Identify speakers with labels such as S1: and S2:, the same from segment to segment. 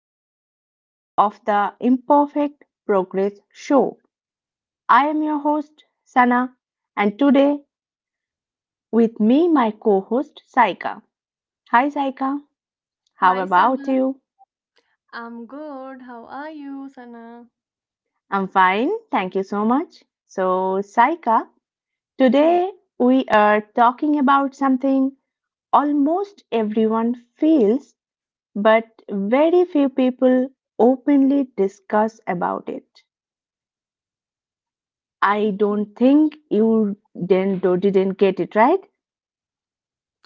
S1: episode of the Imperfect Progress Show. I am your host, Sana, and today with me, my co host, Saika. Hi, Saika, how
S2: Hi
S1: about
S2: Sana,
S1: you?
S2: I'm good. How are you, Sana?
S1: I'm fine, thank you so much. So, Saika,
S2: Hmm.
S1: today we are talking about something almost everyone feels, but very few people openly discuss about it. I
S2: Okay.
S1: don't think you didn't or didn't get it right.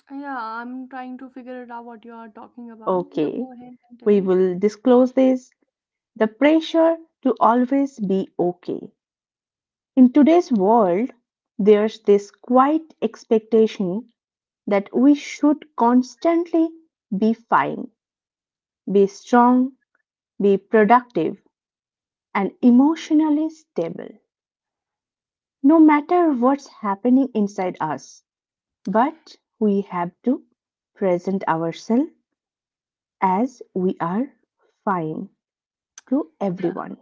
S2: Yeah, I'm trying to figure it out what you are talking about. You
S1: Okay,
S2: go ahead and
S1: we
S2: tell.
S1: will disclose this. The pressure to always be okay. In today's world, there's this quiet expectation that we should constantly be fine, be strong, be productive, and emotionally stable, no matter what's happening inside us. But we have to present ourselves as we are fine to
S2: Yeah.
S1: everyone.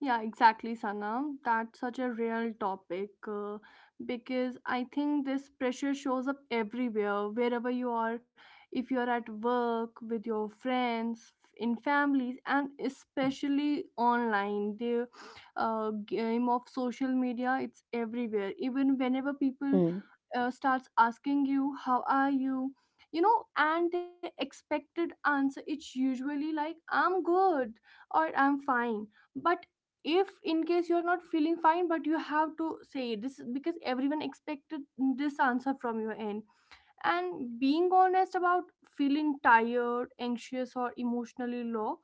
S2: Yeah, exactly, Sana. That's such a real topic, because I think this pressure shows up everywhere, wherever you are, if you're at work, with your friends, in families, and especially online. The game of social media, it's everywhere. Even whenever people
S1: Hmm.
S2: starts asking you, how are you? And the expected answer, it's usually like, I'm good or I'm fine. But if in case you're not feeling fine but you have to say it, this is because everyone expected this answer from your end, and being honest about feeling tired, anxious, or emotionally low,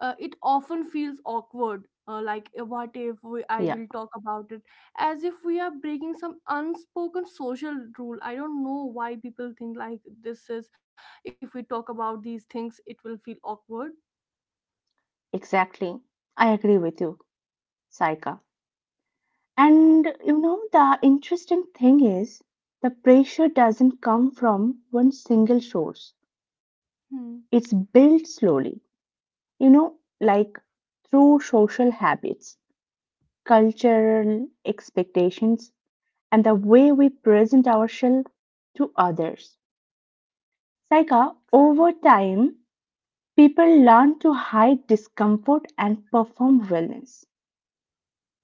S2: it often feels awkward, like what if we, I
S1: Yeah,
S2: will talk about it as if we are breaking some unspoken social rule. I don't know why people think like this is if we talk about these things it will feel awkward.
S1: exactly. I agree with you, Saika. And you know, the interesting thing is the pressure doesn't come from one single source.
S2: Hmm,
S1: It's built slowly, you know, like through social habits, cultural expectations, and the way we present ourselves to others. Saika, over
S2: exactly.
S1: time, people learn to hide discomfort and perform wellness.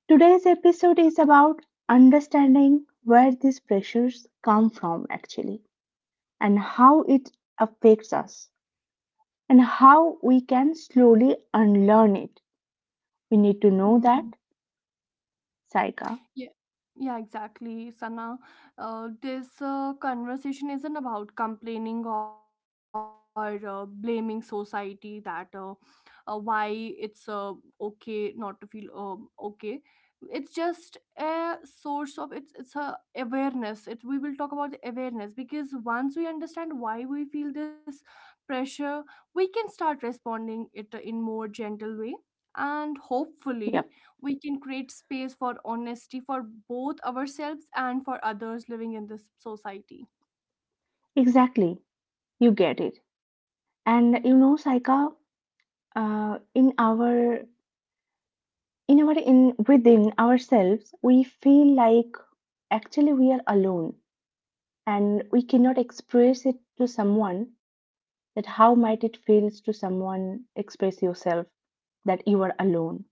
S1: Today's episode is about understanding where these pressures come from actually, and how it affects us and how we can slowly unlearn it. We need to know that,
S2: Hmm.
S1: Saika.
S2: Yeah. Yeah, exactly, Sana. This conversation isn't about complaining or blaming society, that why it's okay not to feel okay. It's just a source of it's a awareness. It we will talk about the awareness, because once we understand why we feel this pressure, we can start responding it in more gentle way, and hopefully
S1: Yep,
S2: we can create space for honesty for both ourselves and for others living in this society.
S1: exactly. You get it. And you know, Saika, uh, in our in within ourselves, we feel like actually we are alone and we cannot express it to someone that how might it feels to someone express yourself that you are alone.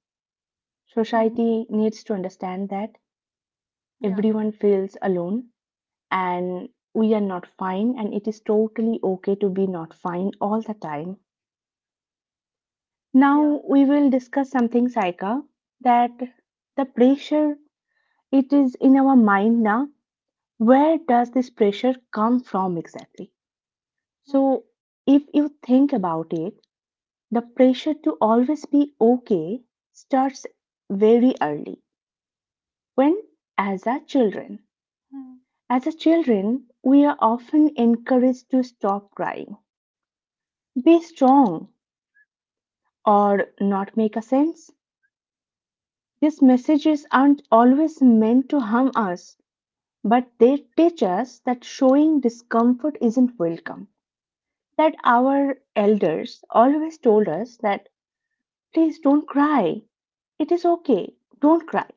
S2: Mhm.
S1: Society needs to understand that
S2: Yeah,
S1: everyone feels alone and we are not fine, and it is totally okay to be not fine all the time.
S2: yeah.
S1: Now, we will discuss something, Saika, that the pressure, it is in our mind now. Where does this pressure come from exactly?
S2: Okay.
S1: So, if you think about it, the pressure to always be okay starts very early, when as a children
S2: Mhm.
S1: as a children, we are often encouraged to stop crying, be strong, or not make a sense. These messages aren't always meant to harm us, but they teach us that showing discomfort isn't welcome. That our elders always told us that please don't cry, it is okay, don't cry,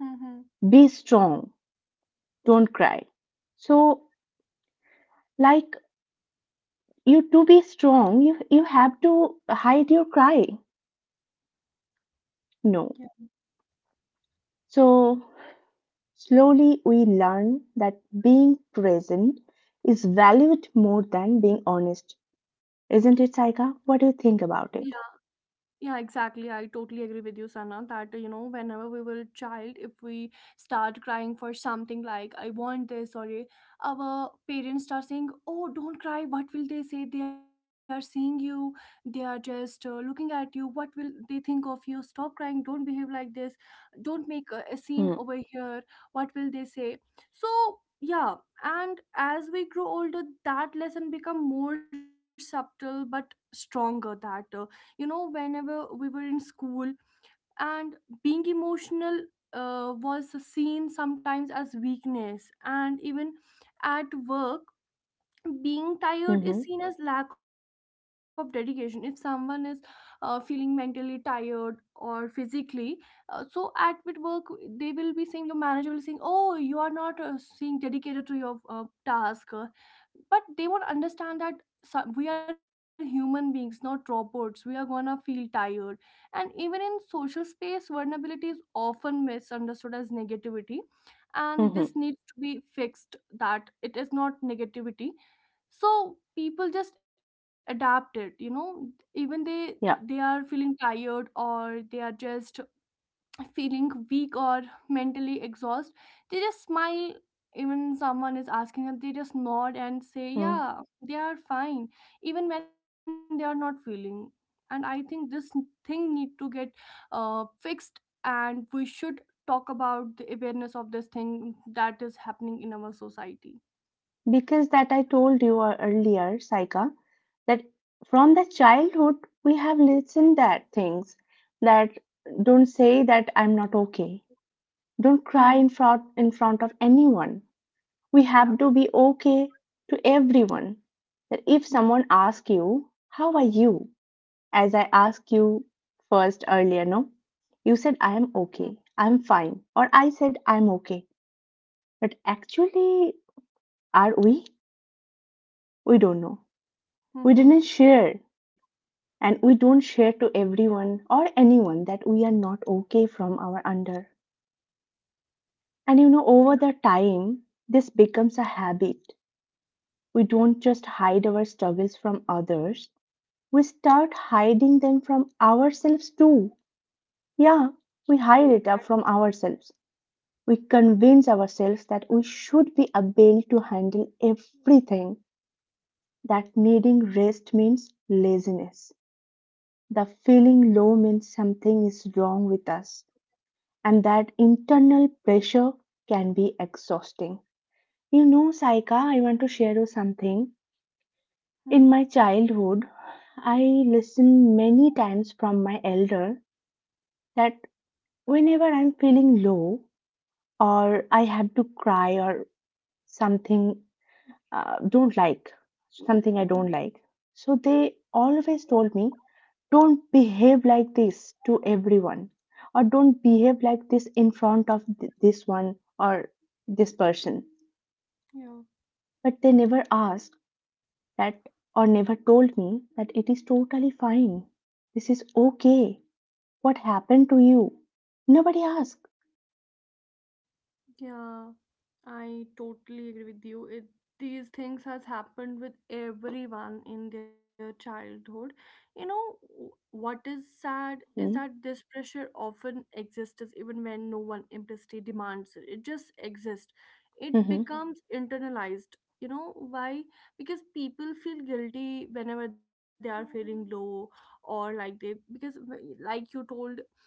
S2: Mhm.
S1: be strong, don't cry. So, like you to be strong, you have to hide your cry.
S2: Yeah.
S1: No, so slowly we learn that being present is valued more than being honest. Isn't it, Saika? What do you think about it?
S2: Yeah, exactly. I totally agree with you, Sana, that, you know, whenever we were a child, if we start crying for something like, I want this, or eh, our parents start saying, oh, don't cry. What will they say? They are seeing you. They are just looking at you. What will they think of you? Stop crying. Don't behave like this. Don't make a scene
S1: Hmm.
S2: over here. What will they say? So, yeah. And as we grow older, that lesson become more subtle but stronger that. You know, whenever we were in school and being emotional was seen sometimes as weakness, and even at work being tired is
S1: Mm-hmm.
S2: seen as lack of dedication. If someone is feeling mentally tired or physically so at with work, they will be saying, your manager will saying, oh, you are not seeing dedicated to your task, but they won't understand that we are human beings, not robots. We are gonna feel tired. And even in social space, vulnerability is often misunderstood as negativity, and this
S1: Mm-hmm.
S2: needs to be fixed, that it is not negativity. So people just adapt it, you know, even they are
S1: Yeah.
S2: feeling tired, or they are just feeling weak or mentally exhausted, they just smile. Even someone is asking them, they just nod and say,
S1: Hmm.
S2: yeah, they are fine, even when they are not feeling. And I think this thing need to get fixed, and we should talk about the awareness of this thing that is happening in our society.
S1: Because that I told you earlier, Saika, that from the childhood we have listened that things, that don't say that I'm not okay,
S2: Mm-hmm.
S1: don't cry in front of anyone, we
S2: Yeah.
S1: have to be okay to everyone. That if someone asks you how are you, as I asked you first earlier, no, you said I
S2: Mm.
S1: am okay, I'm fine, or I said I'm okay. But actually, are we? We don't know. We didn't
S2: Mm-hmm.
S1: share, and we don't share to everyone or anyone that we are not okay from our under. And you know,
S2: Yeah,
S1: over the time this becomes a habit. We don't just hide our struggles from others, we start hiding them from ourselves too. Yeah, we hide it up
S2: exactly.
S1: from ourselves. We convince ourselves that we should be able to handle everything, that needing rest means laziness, the feeling low means something is wrong with us, and that internal pressure can be exhausting. You know, Saika, I want to share you something.
S2: Hmm.
S1: In my childhood, I listened many times from my elder that whenever I'm feeling low or I have to cry or something, don't like something I don't like, so they always told me don't behave like this to everyone, or don't behave like this in front of this one or this person.
S2: Yeah,
S1: But they never asked that, or never told me that it is totally fine, this is okay, what happened to you. Nobody asked.
S2: yeah. I totally agree with you. It these things has happened with everyone in their childhood. You know, what is sad is that
S1: Hmm?
S2: this pressure often exists even when no one implicitly demands it. It just exists. It
S1: Mm-hmm.
S2: becomes internalized. You know why? Because people feel guilty whenever they are feeling low, or like they because like you told.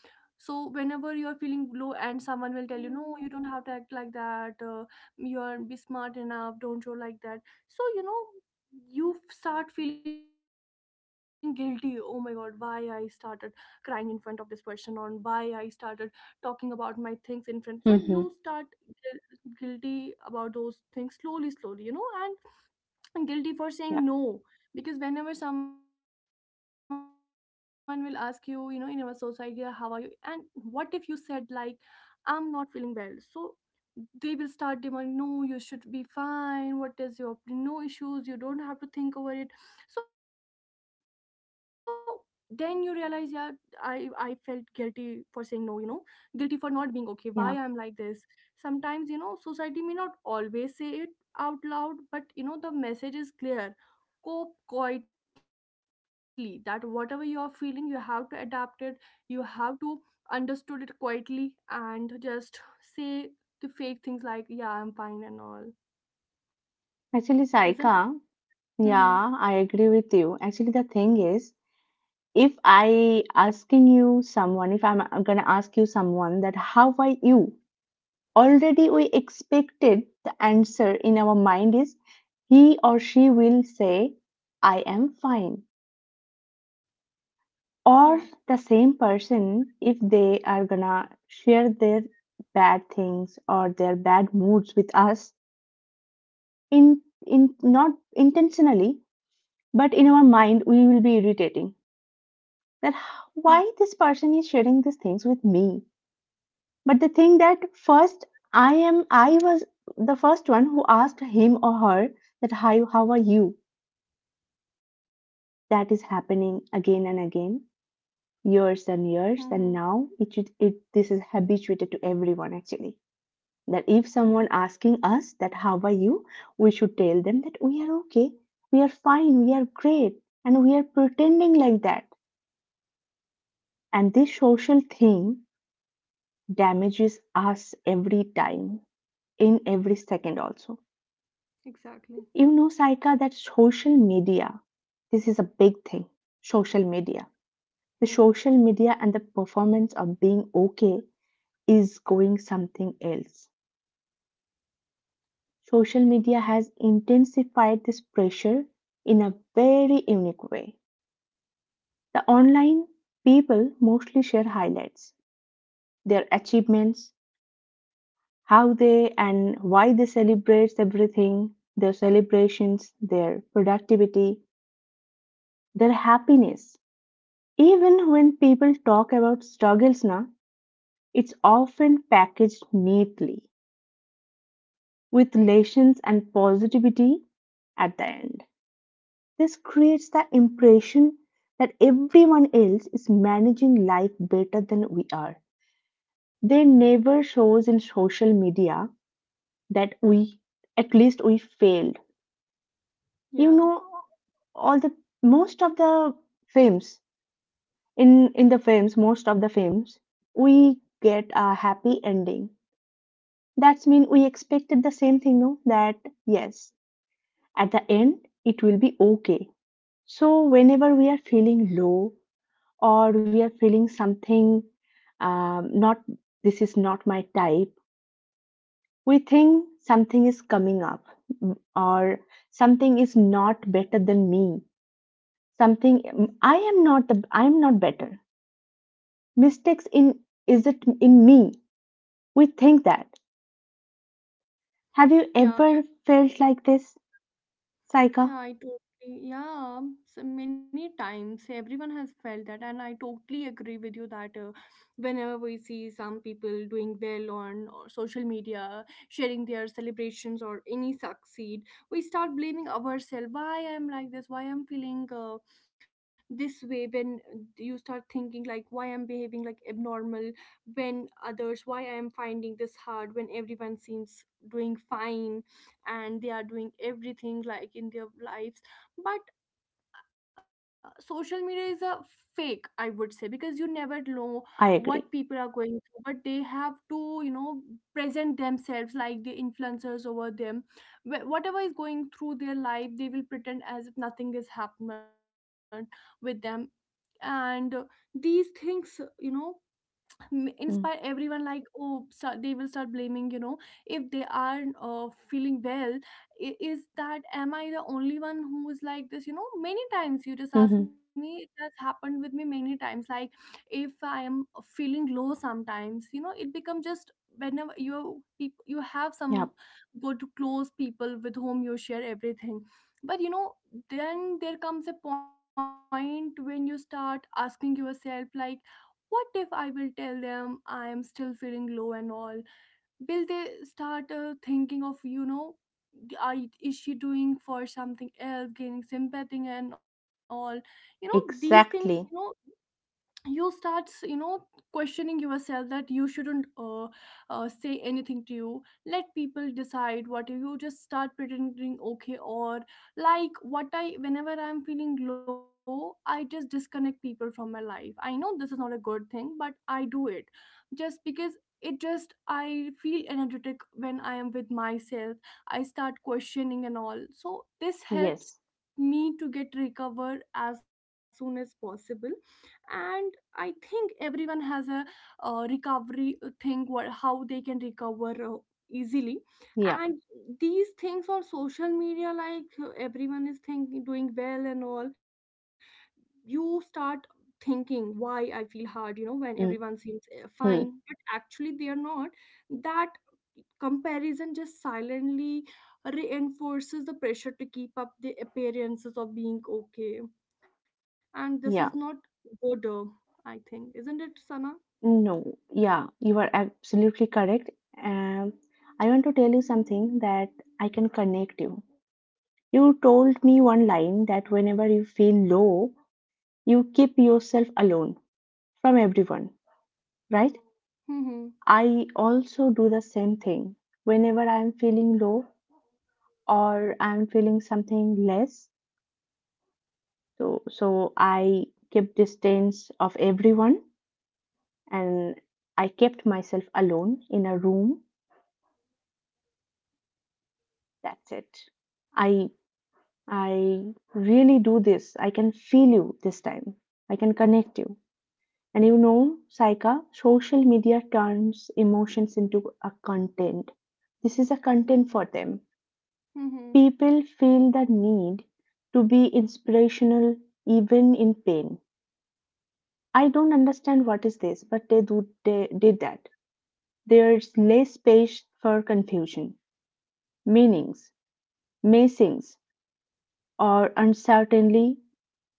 S2: So whenever you are feeling low and someone will tell you, no, you don't have to act like that, you are be smart enough, don't show like that. So, you know, you start feeling guilty, oh my god, why I started crying in front of this person, or why I started talking about my things in front. So you start
S1: Mm-hmm.
S2: guilty about those things slowly slowly, you know, and guilty for
S1: Yeah,
S2: saying no. Because whenever someone will ask you, you know, in our society, how are you, and what if you said like, I'm not feeling well. So they will start demanding, no, you should be fine, what is your, no issues, you don't have to think over it. So then you realize, yeah, i i felt guilty for saying no, you know, guilty for not being okay, why I'm
S1: yeah,
S2: like this. Sometimes, you know, society may not always say it out loud, but you know the message is clear: cope quietly, that whatever you are feeling, you have to adapt it, you have to understood it quietly, and just say, to fake things like, yeah, I'm fine and all.
S1: actually, Saika,
S2: Isn't it? Mm-hmm.
S1: yeah, I agree with you. Actually the thing is, if I asking you someone, if I'm gonna ask you someone that how are you? Already we expected the answer in our mind is he or she will say I am fine.
S2: Yeah.
S1: Or the same person, if they are gonna share their bad things or their bad moods with us, in in not intentionally, but in our mind we will be irritating that why this person is sharing these things with me. But the thing that first I was the first one who asked him or her that how are you? That is happening again and again, years
S2: Mm-hmm.
S1: and years, and now it should- it this is habituated to everyone actually. That if
S2: Yeah,
S1: someone asking us that how are you, we should tell them that we are okay, we are fine, we are great, and we are pretending like that. And this social thing damages us every time, in every second also.
S2: exactly.
S1: You know, Saika, that social media, this is a big thing. Social media.
S2: Mm.
S1: The social media and the performance of being okay is going something else. Social
S2: Yeah.
S1: media has intensified this pressure in a very unique way. The online, people mostly share highlights, their achievements, how they and why they celebrate everything, their celebrations, their productivity, their happiness. Even when people talk about struggles now, it's often packaged neatly with lessons and positivity at the end. This creates the impression that everyone else is managing life better than we are. They never shows in social media that we at least we failed. You
S2: Yeah.
S1: know, all the most of the films in the films most of the films, we get a happy ending. That's mean we expected the same thing, no? That yes, at the end it will be okay. So whenever we are feeling low or we are feeling something, not, this is not my type, we think something is coming up, or something is not better than me. Something, I am not better. Mistakes in, is it in me? We think that. Have you
S2: Yeah,
S1: ever felt like this,
S2: Yeah,
S1: Saika?
S2: I totally, yeah, so many times everyone has felt that, and I totally agree with you that, whenever we see some people doing well on or social media, sharing their celebrations or any succeed, we start blaming ourselves. Why I'm like this? Why I'm feeling this way? When you start thinking like, why I'm behaving like abnormal? When others, why I'm finding this hard? When everyone seems doing fine? And they are doing everything like in their lives. But social media is a fake, I would say, because you never know what
S1: I
S2: people are
S1: agree.
S2: going through, but they have to, you know, present themselves like the influencers over them. Whatever is going through their life, they will pretend as if nothing is happening with them. And these things, you know, inspire
S1: Hmm.
S2: everyone like, oh start, they will start blaming, you know, if they are feeling well, is that am I the only one who is like this. You know, many times you just ask
S1: Mm-hmm.
S2: me, it has happened with me many times like, if I am feeling low sometimes, you know, it becomes just, whenever you have
S1: Yeah,
S2: some good close people with whom you share everything, but you know, then there comes a point when you start asking yourself like, what if I will tell them, I am still feeling low and all, will they start thinking of, you know, I, is she doing for something else, gaining sympathy and all, you know, these things, you know,
S1: exactly.
S2: you starts, you know, questioning yourself, that you shouldn't say anything to you, let people decide what you just start pretending okay. Or like what i, whenever I'm feeling low, I just disconnect people from my life. I know this is not a good thing, but I do it, just because, it just, I feel energetic when I am with myself, I start questioning and all, so this helps
S1: Yes.
S2: me to get recovered as soon as possible. And I think everyone has a recovery thing, what, how they can recover easily.
S1: Yeah.
S2: And these things on social media, like, everyone is thinking, doing well and all, you start thinking, why I feel hard, you know, when everyone seems fine,
S1: Mm-hmm.
S2: but actually they are not. That comparison just silently reinforces the pressure to keep up the appearances of being okay. And this is not
S1: Yeah.
S2: good. I think. Isn't it, Sana?
S1: No. Yeah, you are absolutely correct. Um, I want to tell you something that I can connect you. You told me one line that whenever you feel low, you keep yourself alone from everyone, right?
S2: Mm-hmm.
S1: I also do the same thing. Whenever I am feeling low or I am feeling something less, so I keep distance of everyone and I kept myself alone in a room. That's it. I I really do this. I can feel you this time. I can connect you. And you know, Saika, social media turns emotions into a content. This is a content for them.
S2: Mm-hmm.
S1: People feel the need to be inspirational even in pain. I don't understand what is this, but they did that. There's less space for confusion, meanings, messings, or uncertainly,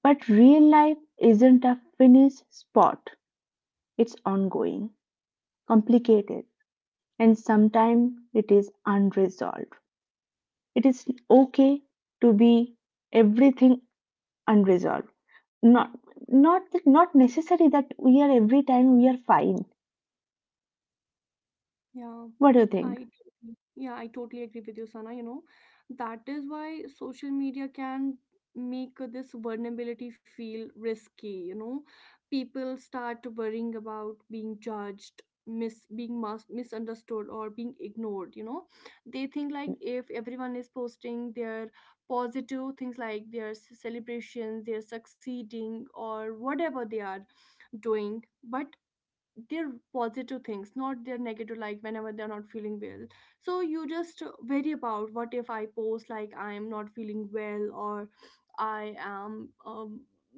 S1: but real life isn't a finished spot. It's ongoing, complicated, and sometimes it is unresolved. It is okay to be everything unresolved. Not not necessary that we are fine.
S2: Yeah.
S1: What do you
S2: I
S1: think?
S2: totally- yeah, I totally agree with you, Sana. You know, that is why social media can make this vulnerability feel risky, you know. People start worrying about being judged, misunderstood, or being ignored, you know. They think like, if everyone is posting their positive things, like their celebrations, they're succeeding, or whatever they are doing, but their positive things, not their negative, like whenever they're not feeling well. So you just worry about, what if I post like, I am not feeling well, or I am,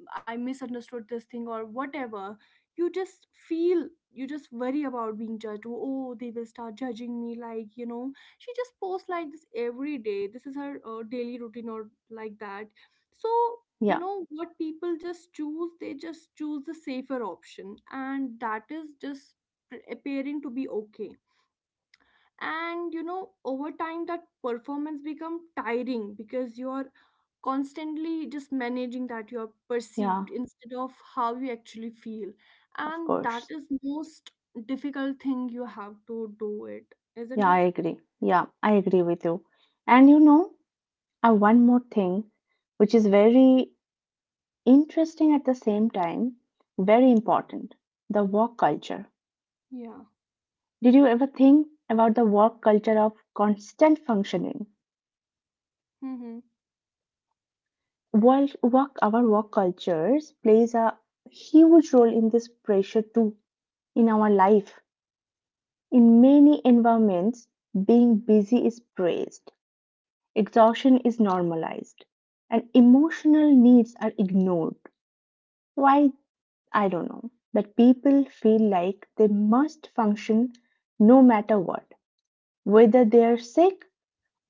S2: I misunderstood this thing, or whatever. You just feel, you just worry about being judged, oh, they will start judging me, like, you know, she just posts like this every day, this is her daily routine, or like that. So, you
S1: Yeah,
S2: know what, people just choose, they just choose the safer option, and that is just appearing to be okay. And you know, over time, that performance become tiring, because you are constantly just managing that you are perceived
S1: yeah,
S2: instead of how you actually feel. And
S1: of
S2: that is
S1: course.
S2: most difficult thing, you have to do it, isn't it?
S1: Yeah, I agree. Yeah, I agree with you. And you know, one more thing, which is very interesting at the same time, very important, the work culture.
S2: Yeah.
S1: Did you ever think about the work culture of constant functioning?
S2: Mm-hmm.
S1: Our work cultures plays a huge role in this pressure too, in our life. In many environments, being busy is praised. Exhaustion is normalized and emotional needs are ignored. Why? I don't know. But people feel like they must function no matter what, whether they are sick,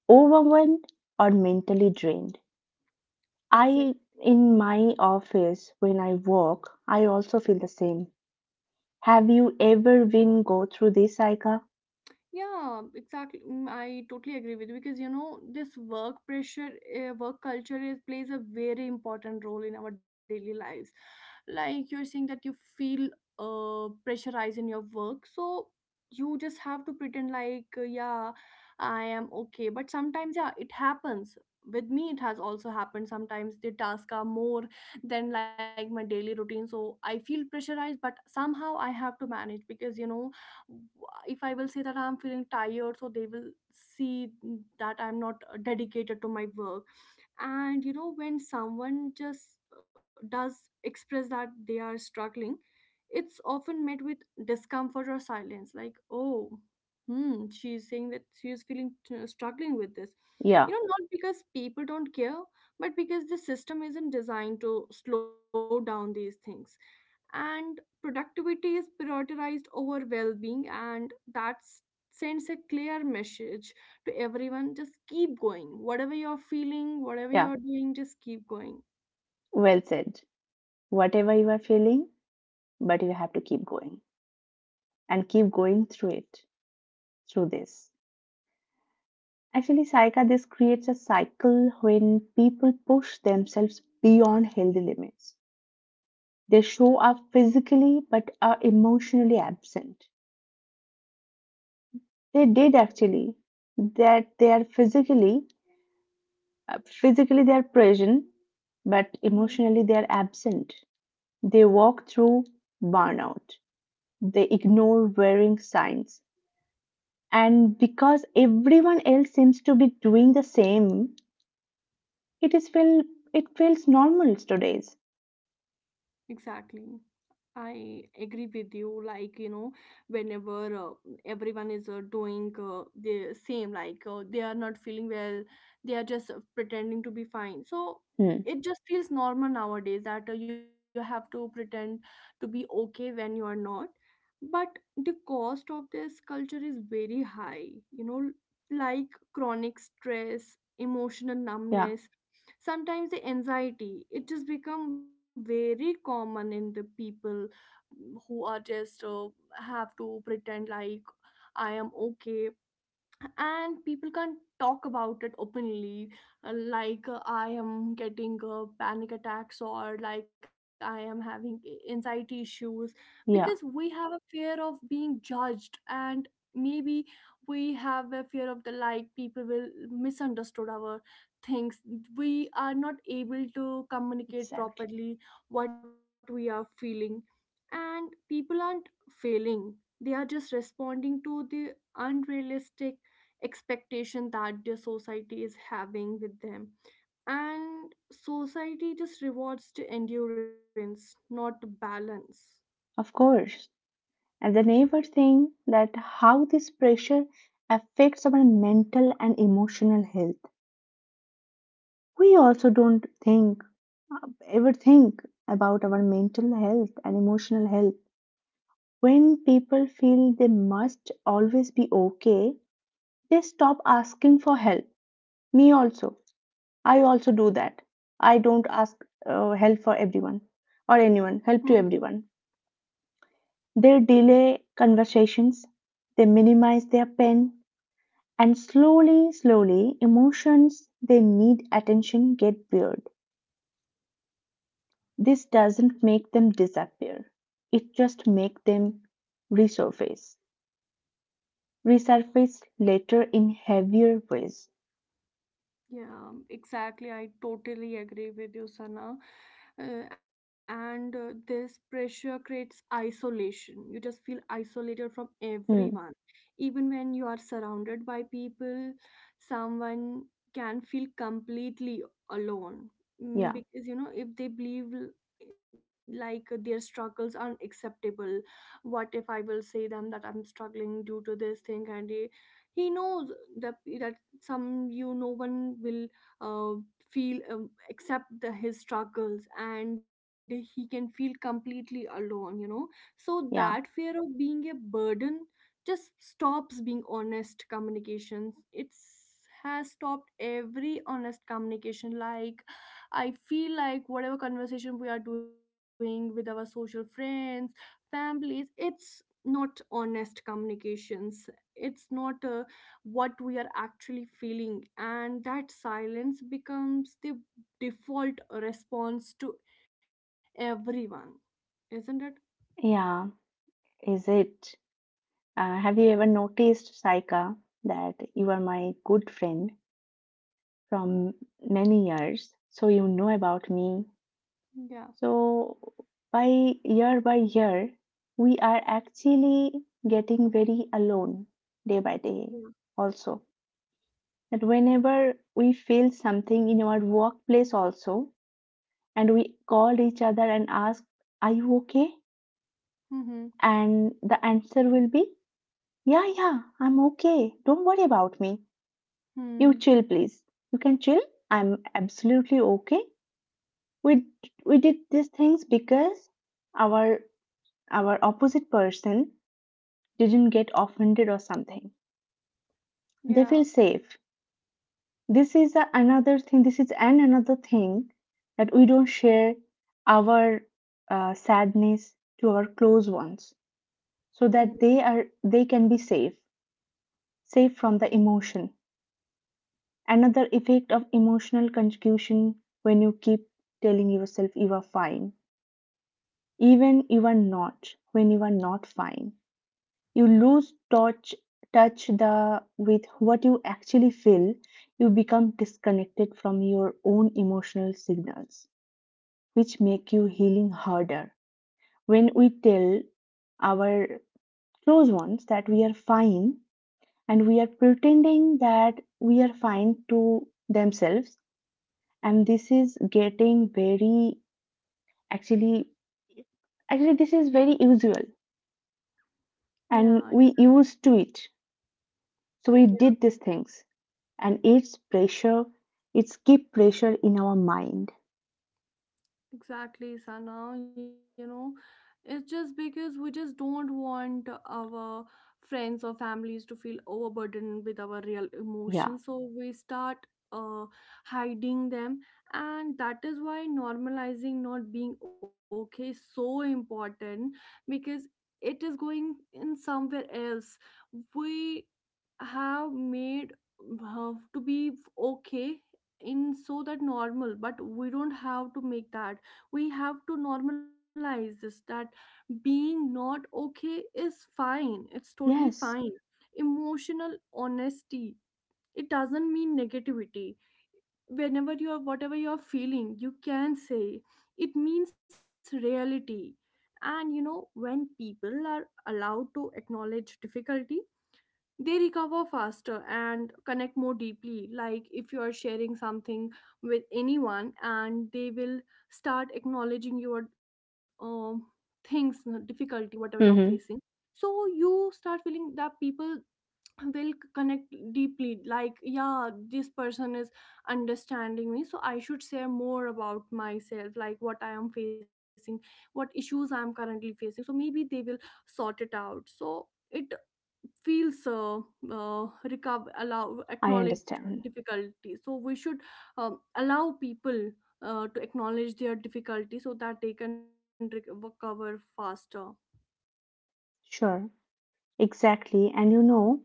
S1: overwhelmed, or mentally drained. I,
S2: Exactly.
S1: in my office, when I work, I also feel the same. Have you ever been go through this, Aika?
S2: Yeah, exactly. I totally agree with you because you know this work pressure, work culture is plays a very important role in our daily lives, like you're saying that you feel pressurized in your work. So you just have to pretend like yeah, I am okay. But sometimes, yeah, it happens with me. It has also happened sometimes the tasks are more than like my daily routine, so I feel pressurized, but somehow I have to manage because you know, if I will say that I'm feeling tired, so they will see that I'm not dedicated to my work. And you know when someone just does express that they are struggling, it's often met with discomfort or silence, like, oh, she's saying that she is feeling struggling with this.
S1: Yeah,
S2: You know, not because people don't care, but because the system isn't designed to slow down these things, and productivity is prioritized over well-being, and that sends a clear message to everyone: just keep going, whatever you're feeling,
S1: yeah.
S2: whatever you're doing, just keep going.
S1: Well said. Whatever you are feeling, but you have to keep going and keep going through it. Through this. Actually, Saika, this creates a cycle when people push themselves beyond healthy limits. They show up physically but are emotionally absent. They did actually that they are physically they are present but
S2: Mm,
S1: emotionally they are absent. They walk through burnout. They ignore wearing signs. And because everyone else seems to be doing the same, It is feel it feels normal today's.
S2: exactly. I agree with you. Like, you know, whenever everyone is doing the same, like they are not feeling well, they are just pretending to be fine. So
S1: Hmm.
S2: it just feels normal nowadays that you have to pretend to be okay when you are not. But the cost of this culture is very high, you know, like chronic stress, emotional
S1: Yeah.
S2: numbness, sometimes the anxiety, it just become very common in the people who are just have to pretend like I am okay, and people can't talk about it openly, like, I am getting panic attacks, or like I am having anxiety issues, because
S1: Yeah.
S2: we have a fear of being judged. And maybe we have a fear of the, like, people will misunderstood our things, we are not able to communicate
S1: Exactly.
S2: properly what we are feeling. And people aren't failing, they are just responding to the unrealistic expectation that their society is having with them. And society just rewards the endurance, not the balance.
S1: Of course. And the neighbor thing that how this pressure affects our mental and emotional health. We also don't think ever think about our mental health and emotional health. When people feel they must always be okay, they stop asking for help. Me also. I also do that. I don't ask help for everyone or anyone,
S2: Hmm.
S1: help to everyone. They delay conversations, they minimize their pain, and slowly, slowly, emotions they need attention get blurred. This doesn't make them disappear, it just makes them resurface. Resurface later in heavier ways.
S2: Yeah, exactly. I totally agree with you, Sana. And this pressure creates isolation. You just feel isolated from
S1: Hmm.
S2: everyone. Even when you are surrounded by people, someone can feel completely alone.
S1: Yeah,
S2: Because, you know, if they believe like their struggles are acceptable, what if I will say them that I'm struggling due to this thing, and they, he knows that that some, you, no one will uh, feel accept the, his struggles, and he can feel completely alone. So that fear
S1: yeah,
S2: of being a burden just stops being honest communications, it's has stopped every honest communication. Like, I feel like whatever conversation we are doing with our social friends, families, it's not honest communications, it's not a what we are actually feeling. And that silence becomes the default response to everyone, isn't it?
S1: yeah. Is it? Have you ever noticed, Saika, that you are my good friend from many years? So you know about me.
S2: Yeah.
S1: So by year, we are actually getting very alone day by
S2: Yeah.
S1: day. Also, that whenever we feel something in our workplace, also, and we call each other and ask, "Are you okay?"
S2: Mm-hmm.
S1: And the answer will be, "Yeah, yeah, I'm okay. Don't worry about me."
S2: Hmm.
S1: You chill, please. You can chill. I'm absolutely okay. We we did these things because our our opposite person didn't get offended or something. They
S2: Yeah.
S1: feel safe. This is a, another thing. This is an another thing that we don't share our sadness to our close ones, so
S2: Hmm.
S1: that they can be safe, safe from the emotion. Another effect of emotional confusion, when you keep telling yourself you are fine, even you are not, when you are not fine. You lose touch touch the with what you actually feel. You become disconnected from your own emotional signals, which make you healing harder. When we tell our close ones that we are fine, and we are pretending that we are fine to themselves, and actually this is very usual,
S2: Yeah.
S1: and we used to it, so we did these things, and it's keep pressure in our mind.
S2: Exactly, Sana. You know, it's just because we just don't want our friends or families to feel overburdened with our real
S1: Yeah.
S2: emotions. So we start uh, hiding them. And that is why normalizing not being okay is so important, because it is going in somewhere else. We have made, have to be okay in, so that normal, but we don't have to make that, we have to normalize this, that being not okay is fine, it's totally fine.
S1: Yes.
S2: Emotional honesty, it doesn't mean negativity, whenever you are, whatever you are feeling, you can say. It means reality. And you know when people are allowed to acknowledge difficulty, they recover faster and connect more deeply. Like, if you are sharing something with anyone, and they will start acknowledging your um, things, difficulty, whatever you're facing,
S1: Mm-hmm.
S2: so you start feeling that people will connect deeply, like, yeah, this person is understanding me, so I should share more about myself, like what I am facing, what issues I am currently facing, so maybe they will sort it out. So it feels recover, allow,
S1: I
S2: acknowledged
S1: understand.
S2: difficulty, so we should allow people to acknowledge their difficulty so that they can recover faster.
S1: Sure, exactly. And you know,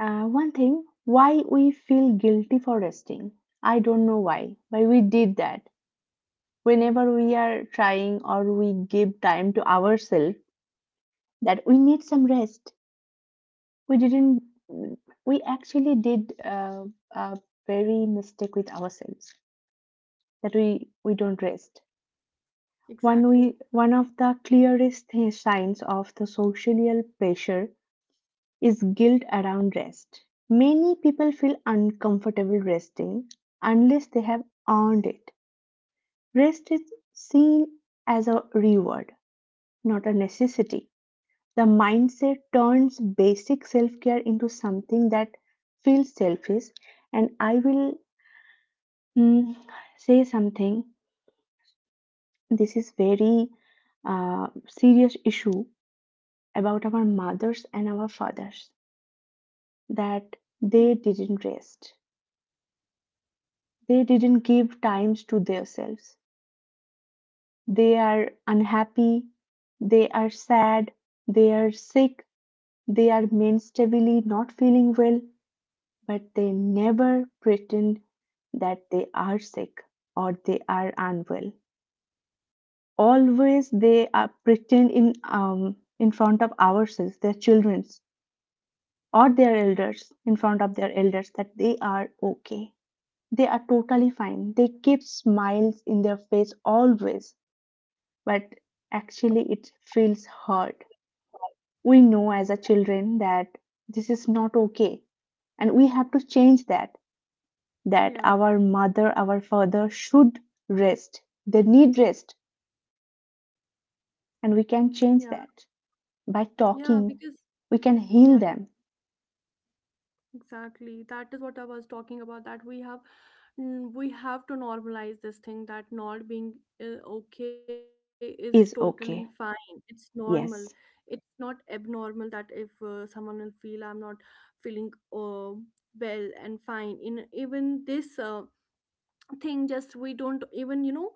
S1: one thing, why we feel guilty for resting. I don't know why, but we did that.
S2: Mm,
S1: Whenever we are trying or we give time to ourselves, that we need some rest. We didn't we actually did a very mistake with ourselves, that we don't rest.
S2: exactly.
S1: One we one of the clearest thi- signs of the social pressure is guilt around rest. Many people feel uncomfortable resting unless they have earned it. Rest is seen as a reward, not a necessity. The mindset turns basic self care into something that feels selfish. And I will mm, say something. This is very serious issue about our mothers and our fathers, that
S2: Mm,
S1: they didn't rest. They didn't give times to themselves. They are unhappy. They are sad. They are sick. They are mentally not feeling well, but they never pretend that they are sick or they are unwell. Always they are pretend in front of ourselves, their childrens or their elders, in front of their elders, that they are okay. They are totally fine. They keep smiles in their face always, but actually it feels hurt. We know as a children that this is not okay, and we have to change that,
S2: yeah,
S1: that our mother, our father should rest. They need rest, and we
S2: yeah,
S1: can change that by
S2: yeah, because.
S1: talking. We
S2: Yeah.
S1: can heal them.
S2: Exactly. That is what I was talking about. That we have, we have to normalize this thing, that not being okay is totally
S1: Is
S2: fine.
S1: okay.
S2: It's normal.
S1: Yes.
S2: It's not abnormal that if someone will feel I'm not feeling uh, well and fine. In even this. Thing, just we don't even, you know,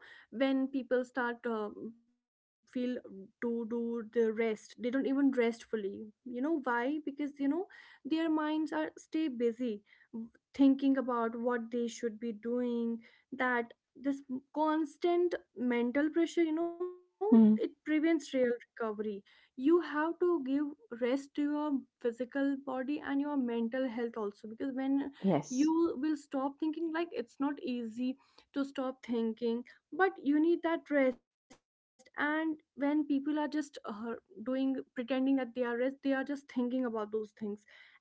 S2: when people start feel to do the rest, they don't even rest fully. You know why? Because you know their minds are stay busy, w- thinking about what they should be doing, that this constant mental pressure, you know, it
S1: Mm.
S2: prevents real recovery. You have to give rest to your physical body and your mental health also, because when
S1: Yes.
S2: you will stop thinking, like, it's not easy to stop thinking, but you need that rest. And when people are just doing, pretending that they are rest, they are just thinking about those things. And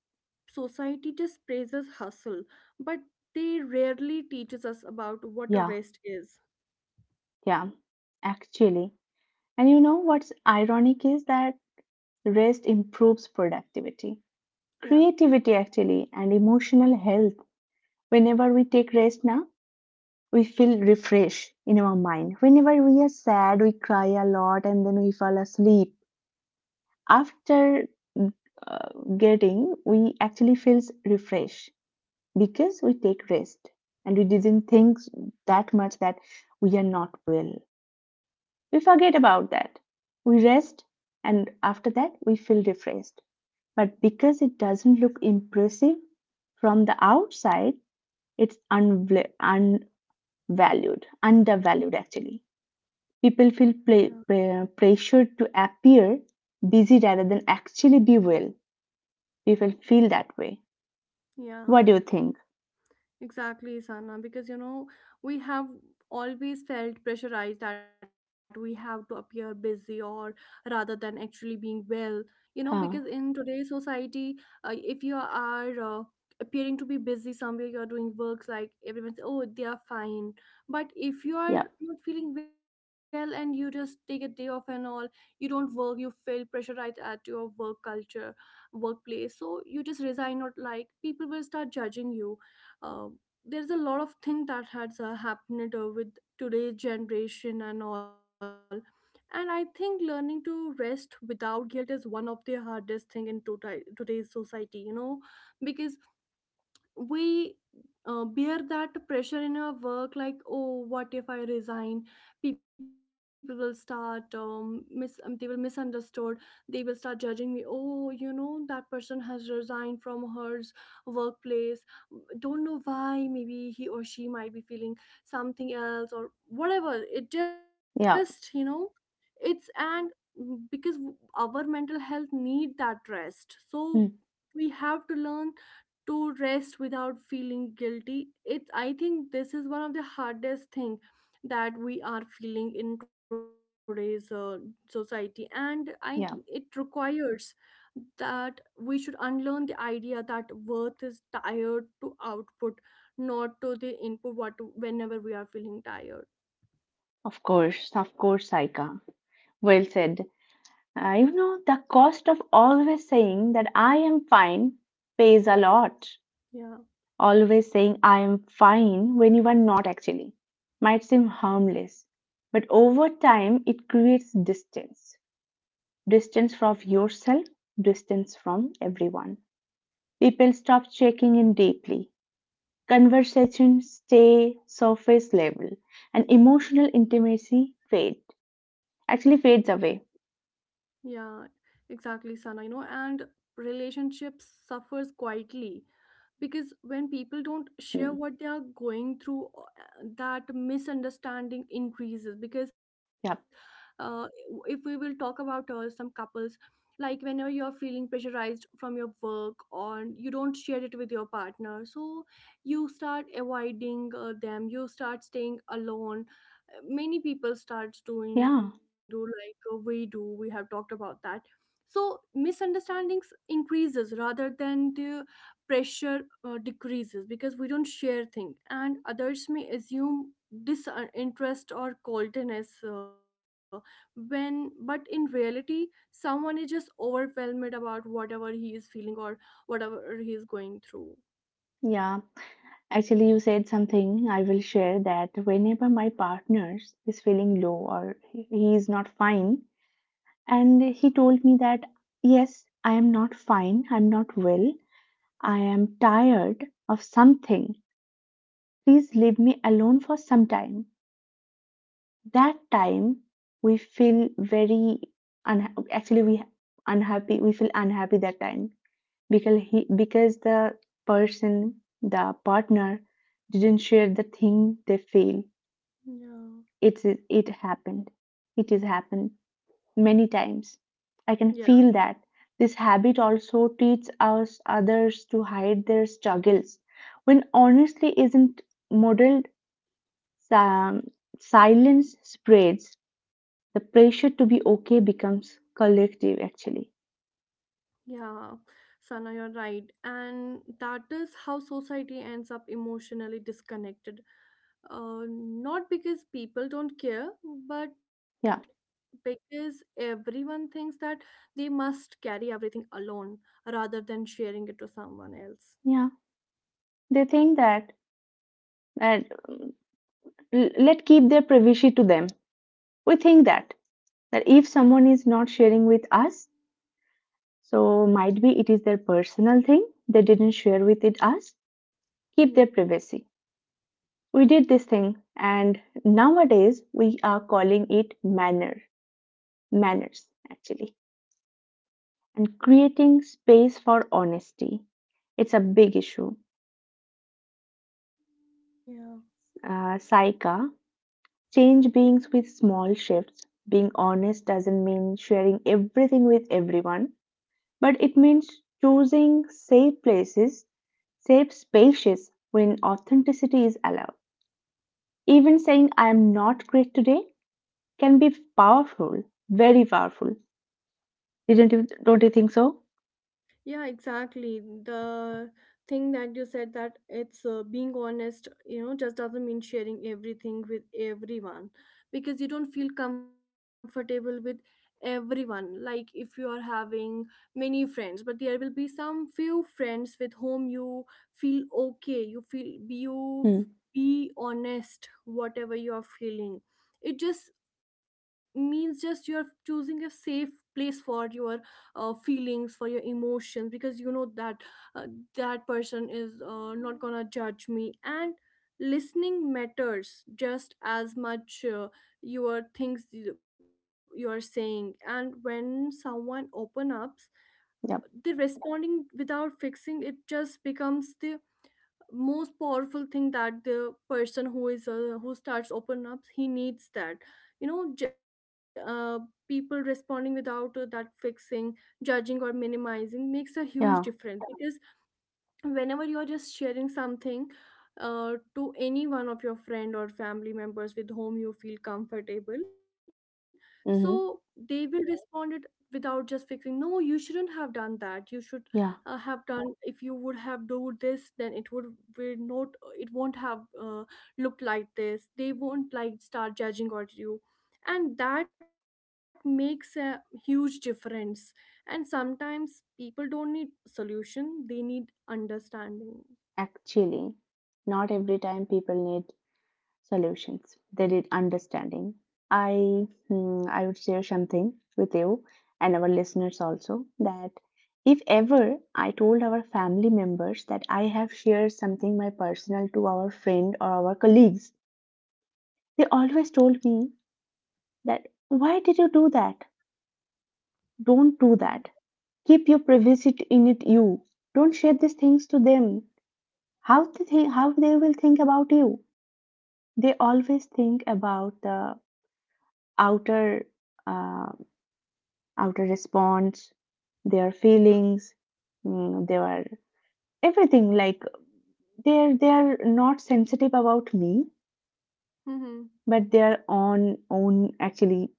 S2: society just praises hustle, but they rarely teaches us about what a
S1: Yeah.
S2: rest is.
S1: Yeah. Actually. And you know what's ironic is that rest improves productivity,
S2: Yeah.
S1: creativity, actually, and emotional health. Whenever we take rest now, we feel refreshed in our mind. Whenever we are sad, we cry a lot and then we fall asleep, after mm, uh, getting we actually feels refreshed because we take rest. And we didn't think that much that we are not well. We forget about that. We rest, and after that we feel refreshed, but because it doesn't look impressive from the outside, it's unvla- unvalued undervalued, actually.
S2: Yeah.
S1: People feel pressured to appear busy rather than actually be well. We will feel that way.
S2: Yeah.
S1: What do you think?
S2: Exactly, Sana, because you know, we have always felt pressurized that we have to appear busy, or rather than actually being well, you know, because in
S1: Huh?
S2: today's society, if you are appearing to be busy somewhere, you're doing works, like everyone says, oh, they are fine. But if you are
S1: Yeah,
S2: not feeling well and you just take a day off and all, you don't work, you feel pressurized at your work culture, workplace, so you just resign, or like, people will start judging you. Uh, there's a lot of thing that has happened with today's generation and all. And I think learning to rest without guilt is one of the hardest thing in today's society, you know, because we bear that pressure in our work. Like, oh, what if I resign, people will start they will misunderstood, they will start judging me, oh, you know, that person has resigned from her workplace, don't know why, maybe he or she might be feeling something else or whatever. It just, you know,
S1: yeah,
S2: it's, and because our mental health need that rest, so
S1: mm,
S2: we have to learn to rest without feeling guilty. It I think this is one of the hardest thing that we are feeling in today's society. And I it
S1: yeah.
S2: requires that we should unlearn the idea that worth is tied to output, not to the input, what whenever we are feeling tired.
S1: Of course, Saika. Well said. The cost of always saying that I am fine pays a lot.
S2: Yeah.
S1: Always saying I am fine when you are not actually, might seem harmless, but over time it creates distance, distance from yourself, distance from everyone. People stop checking in deeply. Conversations stay surface level, and emotional intimacy fade. Actually, fades away.
S2: Yeah, exactly, Sana. You know, and relationships suffers quietly, because when people don't share
S1: Hmm.
S2: what they are going through, that misunderstanding increases, because
S1: Yep.
S2: uh, if we will talk about some couples, like, whenever you're feeling pressurized from your work, or you don't share it with your partner, so you start avoiding them, you start staying alone. Many people starts doing, do
S1: Yeah.
S2: like, we have talked about that. So misunderstandings increases rather than the pressure decreases, because we don't share things, and others may assume disinterest or coldness, when, but in reality, someone is just overwhelmed about whatever he is feeling, or whatever he is going through.
S1: Yeah. Actually, you said something. I will share that whenever my partner is feeling low or he is not fine, and he told me that, "Yes, I am not fine. I'm not well. I am tired of something. Please leave me alone for some time." That time we feel very unha- actually we unhappy we feel unhappy that time. Because he because the person the partner didn't share the thing they feel.
S2: Yeah.
S1: It's it happened it is happened many times. I can
S2: Yeah.
S1: feel that. This habit also teaches us others to hide their struggles. When honestly isn't modeled, um, silence spreads. The pressure to be okay becomes collective, actually.
S2: Yeah, Sana, you're right, and that is how society ends up emotionally disconnected. Not because people don't care, but
S1: Yeah,
S2: because everyone thinks that they must carry everything alone rather than sharing it to someone else.
S1: yeah. They think that that let keep their privacy to them. We think that that if someone is not sharing with us, so might be it is their personal thing, they didn't share with it us, keep
S2: Yeah.
S1: their privacy. We did this thing, and nowadays we are calling it manner manners, actually. And creating space for honesty, it's a big issue.
S2: Yeah.
S1: Saika, change beings with small shifts. Being honest doesn't mean sharing everything with everyone, but it means choosing safe spaces when authenticity is allowed. Even saying I am not great today can be powerful, very powerful. Didn't you Don't you think so?
S2: Yeah, exactly. The thing that you said, that it's, being honest, you know, just doesn't mean sharing everything with everyone, because you don't feel comfortable with everyone. Like, if you are having many friends, but there will be some few friends with whom you feel okay, you feel,
S1: Hmm.
S2: be honest whatever you are feeling. It just means, just you are choosing a safe place for your feelings, for your emotions, because you know that, uh, that person is not gonna judge me. And listening matters just as much. Your things, you are saying, and when someone open up, the
S1: Yep.
S2: responding without fixing it just becomes the most powerful thing. That the person who is, who starts open up, he needs that, you know j- uh, people responding without that fixing, judging or minimizing makes a huge
S1: Yeah.
S2: difference, because whenever you're just sharing something to any one of your friend or family members with whom you feel comfortable, so they
S1: Mm-hmm.
S2: will respond it without just fixing, no, you shouldn't have done that, you should have
S1: Yeah.
S2: done, if you would have do this, then it would, will not, it won't have looked like this, they won't like start judging on you, and that makes a huge difference. And sometimes people don't need solution, they need understanding.
S1: Actually, not every time people need solutions. They did understanding. I would share something with you and our listeners also, that if ever I told our family members that I have shared something my personal to our friend or our colleagues, they always told me that, why did you do that?
S2: Mhm.
S1: Don't do that. Keep your privacy in it you. Don't share these things to them. How they will think about you. They always think about the outer uh, outer response, their
S2: Yeah.
S1: feelings, their everything. Like they're not sensitive about me,
S2: Mhm.
S1: but their own, actually,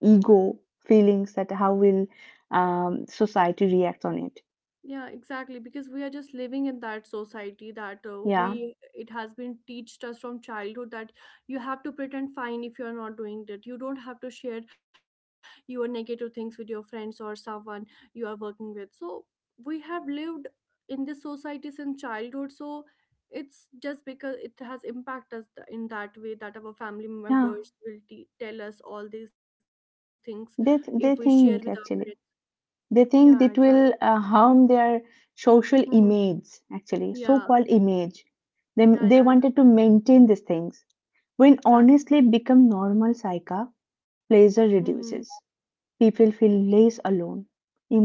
S1: ego feelings, that how will, society react on it.
S2: Yeah, exactly. Because we are just living in that society that
S1: Yeah,
S2: we it has been teached us from childhood, that you have to pretend fine if you are not doing that. You don't have to share your negative things with your friends or someone you are working with. So we have lived in this society since childhood. So it's just because it has impacted us in that way that our family
S1: yeah.
S2: members will tell us all these things if we share
S1: They
S2: with
S1: th-
S2: our
S1: they
S2: friends.
S1: think,
S2: Yeah, exactly.
S1: it will harm their
S2: Mm-hmm.
S1: social image, actually,
S2: Yeah,
S1: so-called image.
S2: yeah,
S1: They
S2: yeah.
S1: they wanted to maintain these things when
S2: Exact.
S1: honestly become normal psyche.
S2: Mm-hmm.
S1: Pleasure reduces. People feel less alone.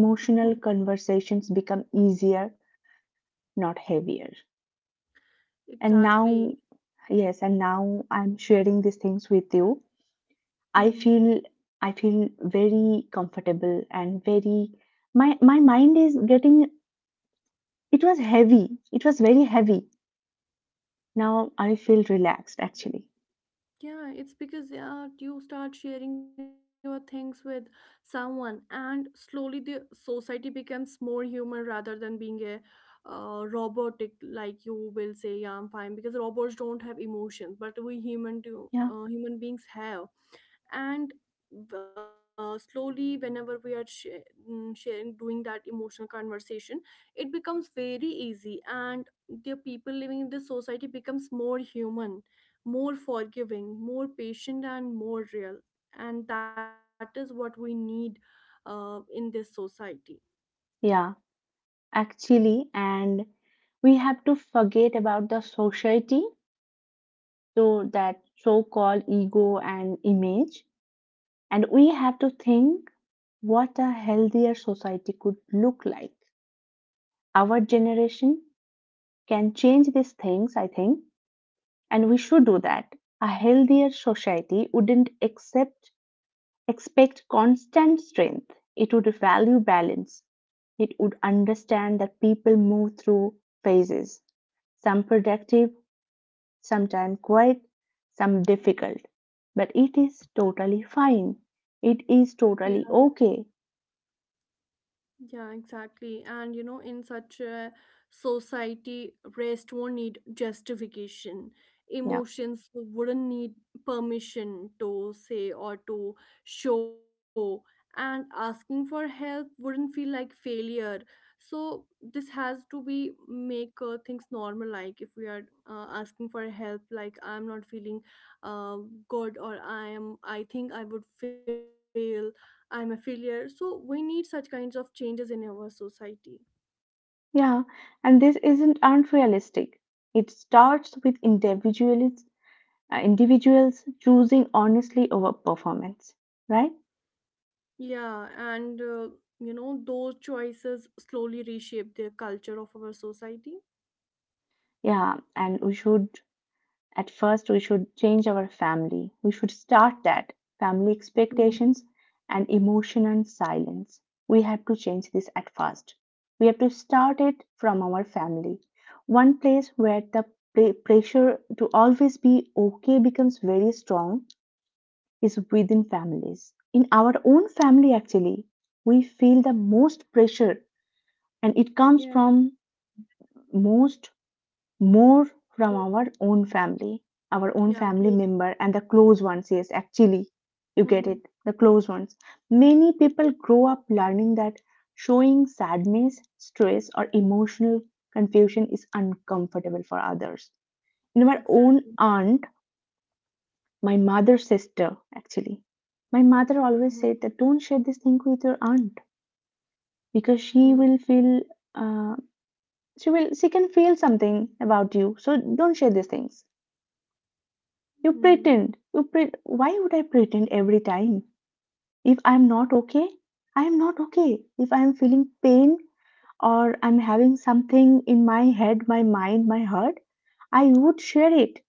S2: Hmm.
S1: conversations become easier, not heavier. And
S2: Exactly.
S1: now, yes, and now I'm sharing these things with you.
S2: Mm-hmm.
S1: I feel I feel very comfortable, and very my mind is getting, it was heavy. It was very heavy. Now I feel relaxed actually.
S2: Yeah, it's because, yeah, you start sharing your things with someone, and slowly the society becomes more human rather than being a robotic, like you will say, "Yeah, I'm fine," because robots don't have emotions, but we human do.
S1: Yeah.
S2: Human beings have. And slowly whenever we are sharing, doing that emotional conversation, it becomes very easy, and the people living in the society becomes more human, more forgiving, more patient, and more real. And that is what we need in this society.
S1: Yeah, actually, and we have to forget about the society, so that so-called ego and image, and we have to think what a healthier society could look like. Our generation can change these things, I think, and we should do that. A healthier society wouldn't accept expect constant strength. It would value balance. It would understand that people move through phases, some productive, sometimes quite, some difficult. But it is totally fine. It is totally okay.
S2: Yeah, exactly. And you know, in such a society, rest won't need justification.
S1: Yeah.
S2: Emotions wouldn't need permission to say or to show. And asking for help wouldn't feel like failure. So this has to be make things normal. Like if we are asking for help, like I'm not feeling uh, good, or I am, I think I would fail, I'm a failure. So we need such kinds of changes in our society.
S1: Yeah. And this isn't unrealistic. It starts with individuals choosing honestly over performance, right?
S2: Yeah, and you know, those choices slowly reshape the culture of our society.
S1: Yeah. And we should At first, we should change our family. We should start that family
S2: Mhm.
S1: expectations and emotion and silence. We have to change this at first. We have to start it from our family. One place where the pressure to always be okay becomes very strong is within families. In our own family, actually, we feel the most pressure, and it comes
S2: Yeah.
S1: from most more from
S2: So,
S1: our own
S2: yeah,
S1: family
S2: close.
S1: member, and the close ones. Yes, actually, you get it, the
S2: Mm-hmm.
S1: close ones. Many people grow up learning that showing sadness, stress, or emotional confusion is uncomfortable for others. In our own
S2: Exactly.
S1: aunt, my mother's sister, actually, my mother always
S2: Mm-hmm.
S1: said that don't share this thing with your aunt because she will feel. Uh, she will she can feel something about you, so don't share these things. You pretend.
S2: Mm-hmm.
S1: Why would I pretend every time? If I'm not okay, I'm not okay. If I'm feeling pain or I'm having something in my head, my mind, my heart, I would share it.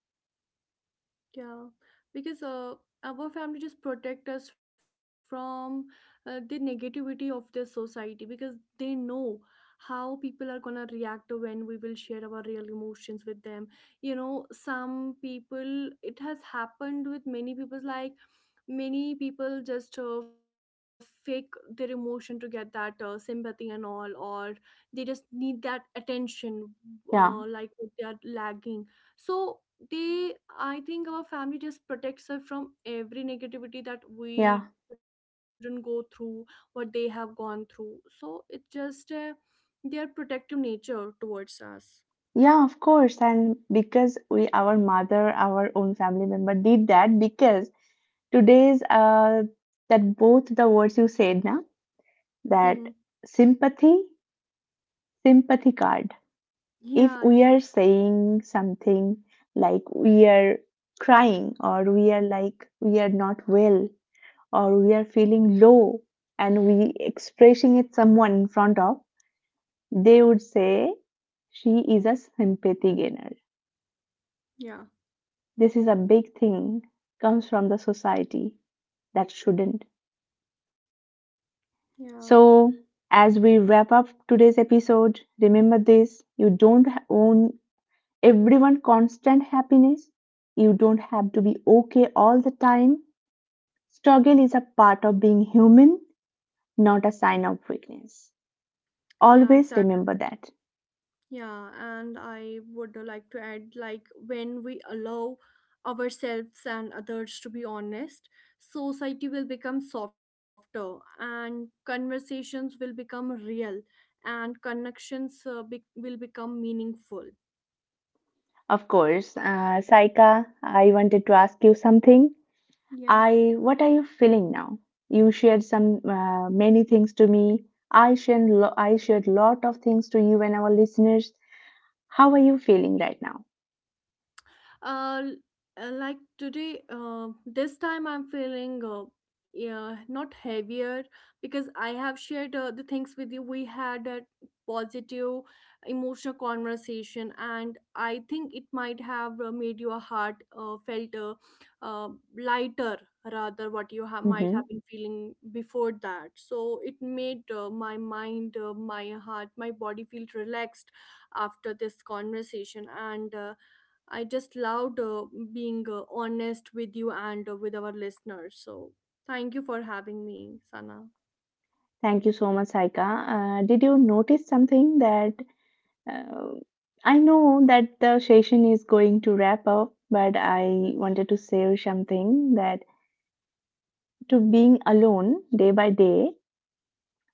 S2: Yeah, because our family just protect us from the negativity of the society, because they know how people are gonna react when we will share our real emotions with them. You know, some people, it has happened with many people, like many people just fake their emotion to get that sympathy and all, or they just need that attention,
S1: Yeah,
S2: like they are lagging, so they, I think our family just protects us from every negativity that
S1: yeah,
S2: we shouldn't go through what they have gone through. So it's just their protective nature towards us.
S1: yeah, of course. And because we, our mother, our own family member did that because today's, that both the words you said, na,
S2: Hmm.
S1: that sympathy, sympathy card, if
S2: Yeah,
S1: we are
S2: exactly.
S1: saying something like we are crying, or we are like we are not well, or we are feeling low, and we expressing it someone in front of, they would say she is a sympathy gainer.
S2: Yeah,
S1: This is a big thing, comes from the society, that shouldn't.
S2: yeah,
S1: So as we wrap up today's episode, remember this: you don't own everyone constant happiness. You don't have to be okay all the time. Struggle is a part of being human, not a sign of weakness.
S2: yeah,
S1: Always
S2: exactly.
S1: remember that.
S2: Yeah, and I would like to add, like, when we allow ourselves and others to be honest, society will become softer, and conversations will become real, and connections will become meaningful.
S1: Of course, Saika, I wanted to ask you something.
S2: Yeah.
S1: What are you feeling now? You shared some many things to me. I shared lot of things to you and our listeners. How are you feeling right now?
S2: uh, like today, this time I'm feeling, yeah, not heavier, because I have shared the things with you. We had a positive emotional conversation, and I think it might have made your heart felt uh, lighter rather what you might have
S1: Mm-hmm.
S2: been feeling before that. So it made my mind, my heart, my body feel relaxed after this conversation. And I just loved being honest with you and with our listeners. So thank you for having me, Sana.
S1: Thank you so much, Saika. Did you notice something, that uh, I know that the session is going to wrap up, but I wanted to say something, that to being alone day by day,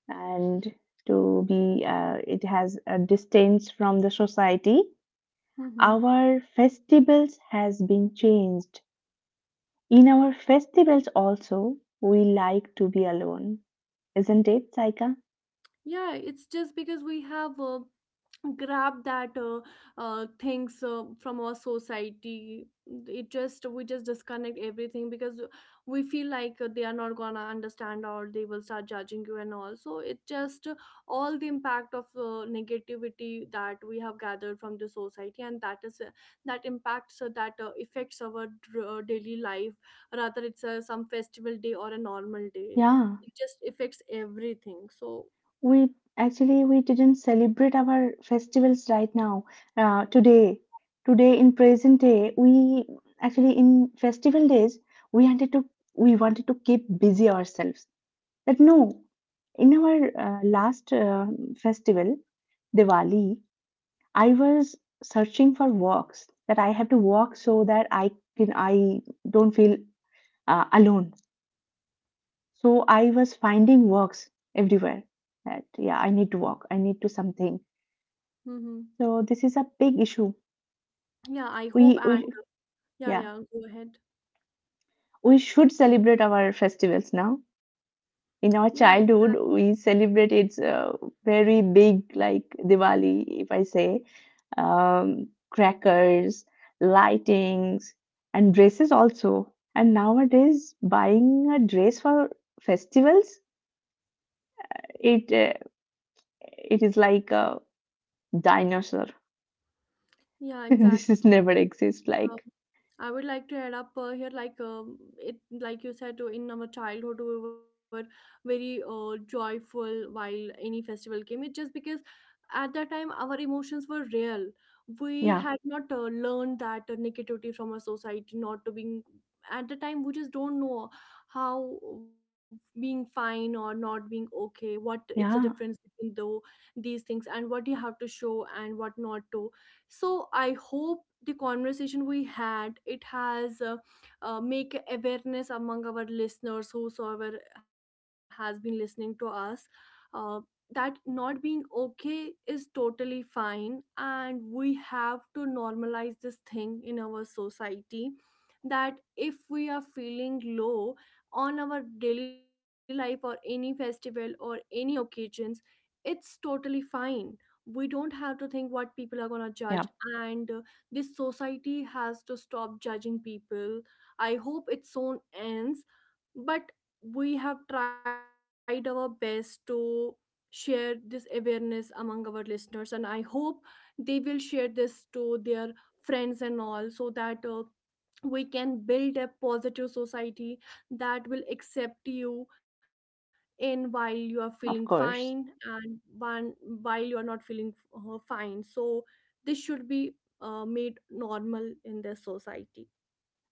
S1: and to be it has a distance from the society.
S2: Hmm.
S1: Our festivals has been changed. In our festivals also, we like to be alone, isn't it, Saika?
S2: Yeah, it's just because we have grab that things from our society. It just, we just disconnect everything, because we feel like they are not gonna understand, or they will start judging you and all. So it just all the impact of negativity that we have gathered from the society, and that is that impacts, that affects our daily life, rather it's some festival day or a normal day,
S1: Yeah.
S2: it just affects everything. So
S1: we actually we didn't celebrate our festivals right now, uh, today today. In present day, we actually in festival days, we wanted to we wanted to keep busy ourselves. That, no, in our last festival Diwali, I was searching for walks that I have to walk, so that I don't feel alone. So I was finding walks everywhere. That, yeah, I need to walk. I need to something.
S2: hmm,
S1: So this is a big issue.
S2: yeah, I hope
S1: We
S2: and, yeah,
S1: Yeah,
S2: yeah, go ahead.
S1: we should celebrate our festivals now. In our
S2: Yeah, exact.
S1: childhood, we celebrate, it's very big, like Diwali, if I say, crackers, lightings, and dresses also. And nowadays, buying a dress for festivals, it uh, it is like a dinosaur.
S2: Yeah, exactly.
S1: This is
S2: So
S1: never
S2: just,
S1: exist.
S2: uh,
S1: Like,
S2: I would like to add up here, like, it, like you said, in our childhood we were very joyful while any festival came. It just because at that time our emotions were real. We
S1: yeah,
S2: had not learned that negativity from our society, not to being at the time. We just don't know how being fine or not being okay, what it's the difference
S1: yeah,
S2: between though, these things, and what you have to show and what not to. So I hope the conversation we had, it has make awareness among our listeners whosoever has been listening to us, uh, that not being okay is totally fine, and we have to normalize this thing in our society. That if we are feeling low on our daily life or any festival or any occasions, it's totally fine. We don't have to think what people are going to judge.
S1: yeah.
S2: And this society has to stop judging people. I hope its own ends, but we have tried our best to share this awareness among our listeners, and I hope they will share this to their friends and all, so that we can build a positive society that will accept you in while you are feeling fine,
S1: Of course.
S2: and one while you are not feeling fine. So this should be made normal in the society.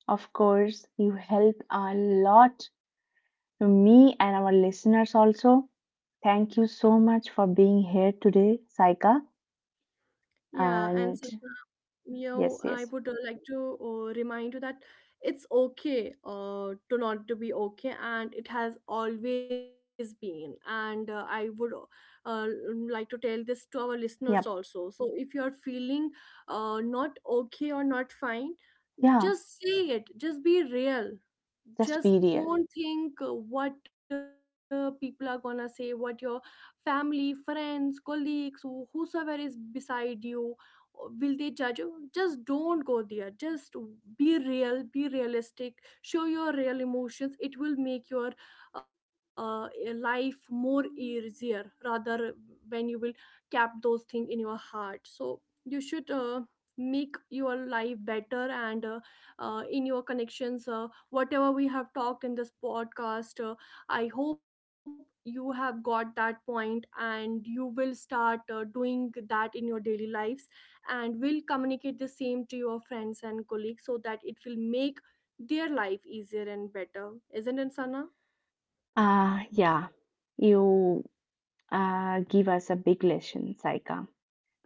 S1: Of course, you helped a lot to me and our listeners also. Thank you so much for being here today, Saika.
S2: Yeah, and so,
S1: And
S2: you know,
S1: yes,
S2: I would
S1: yes,
S2: like to remind you that it's okay to not to be okay, and it has always been. And I would uh, like to tell this to our listeners
S1: yep,
S2: also. So if you are feeling not okay or not fine,
S1: yeah,
S2: just say it, just be real.
S1: just
S2: Just
S1: be real.
S2: don't think what people are gonna say, what your family, friends, colleagues, whosoever is beside you, will they judge you. Just don't go there. Just be real, be realistic, show your real emotions. It will make your life more easier, rather when you will cap those things in your heart. So you should make your life better. And in your connections, whatever we have talked in this podcast, I hope you have got that point and you will start doing that in your daily lives, and will communicate the same to your friends and colleagues, so that it will make their life easier and better. Isn't it, Sana?
S1: Ah, yeah, you give us a big lesson, Saika.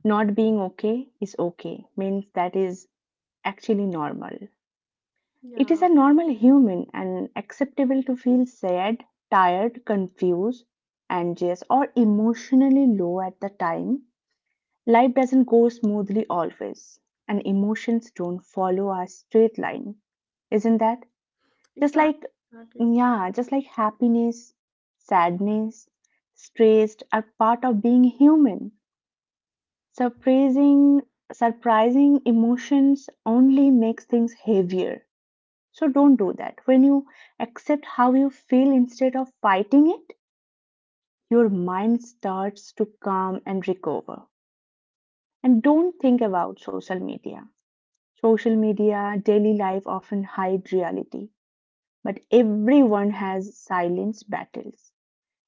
S1: Not being okay is okay means that is actually normal. It is
S2: Yeah,
S1: a normal human and acceptable to feel sad, tired, confused, anxious, or emotionally low at the time. Life doesn't go smoothly always, and emotions don't follow a straight line, isn't that? Just
S2: exactly.
S1: like,
S2: Exactly.
S1: yeah, just like happiness, sadness, stressed are part of being human. Surprising, Surprising emotions only makes things heavier, so don't do that. When you accept how you feel instead of fighting it, your mind starts to calm and recover. And don't think about social media. Social media, daily life often hide reality, but everyone has silence battles.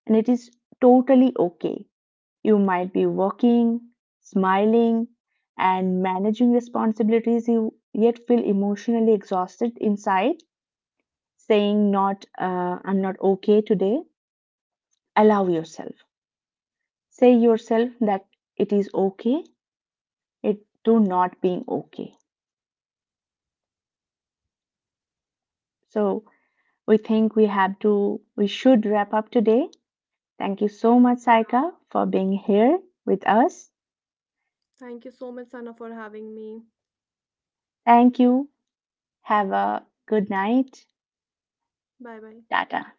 S1: And it is totally okay. You might be working, smiling, and managing responsibilities, you yet feel emotionally exhausted inside, saying, not I'm not okay today. Allow yourself, say yourself that it is okay, it to not being okay. So we think we have to we should wrap up today. Thank you
S2: Yeah.
S1: so much, Saika, for being here with us.
S2: Thank you so much, Sana, for having me.
S1: Thank you. Have a good night.
S2: Bye bye.
S1: Tata.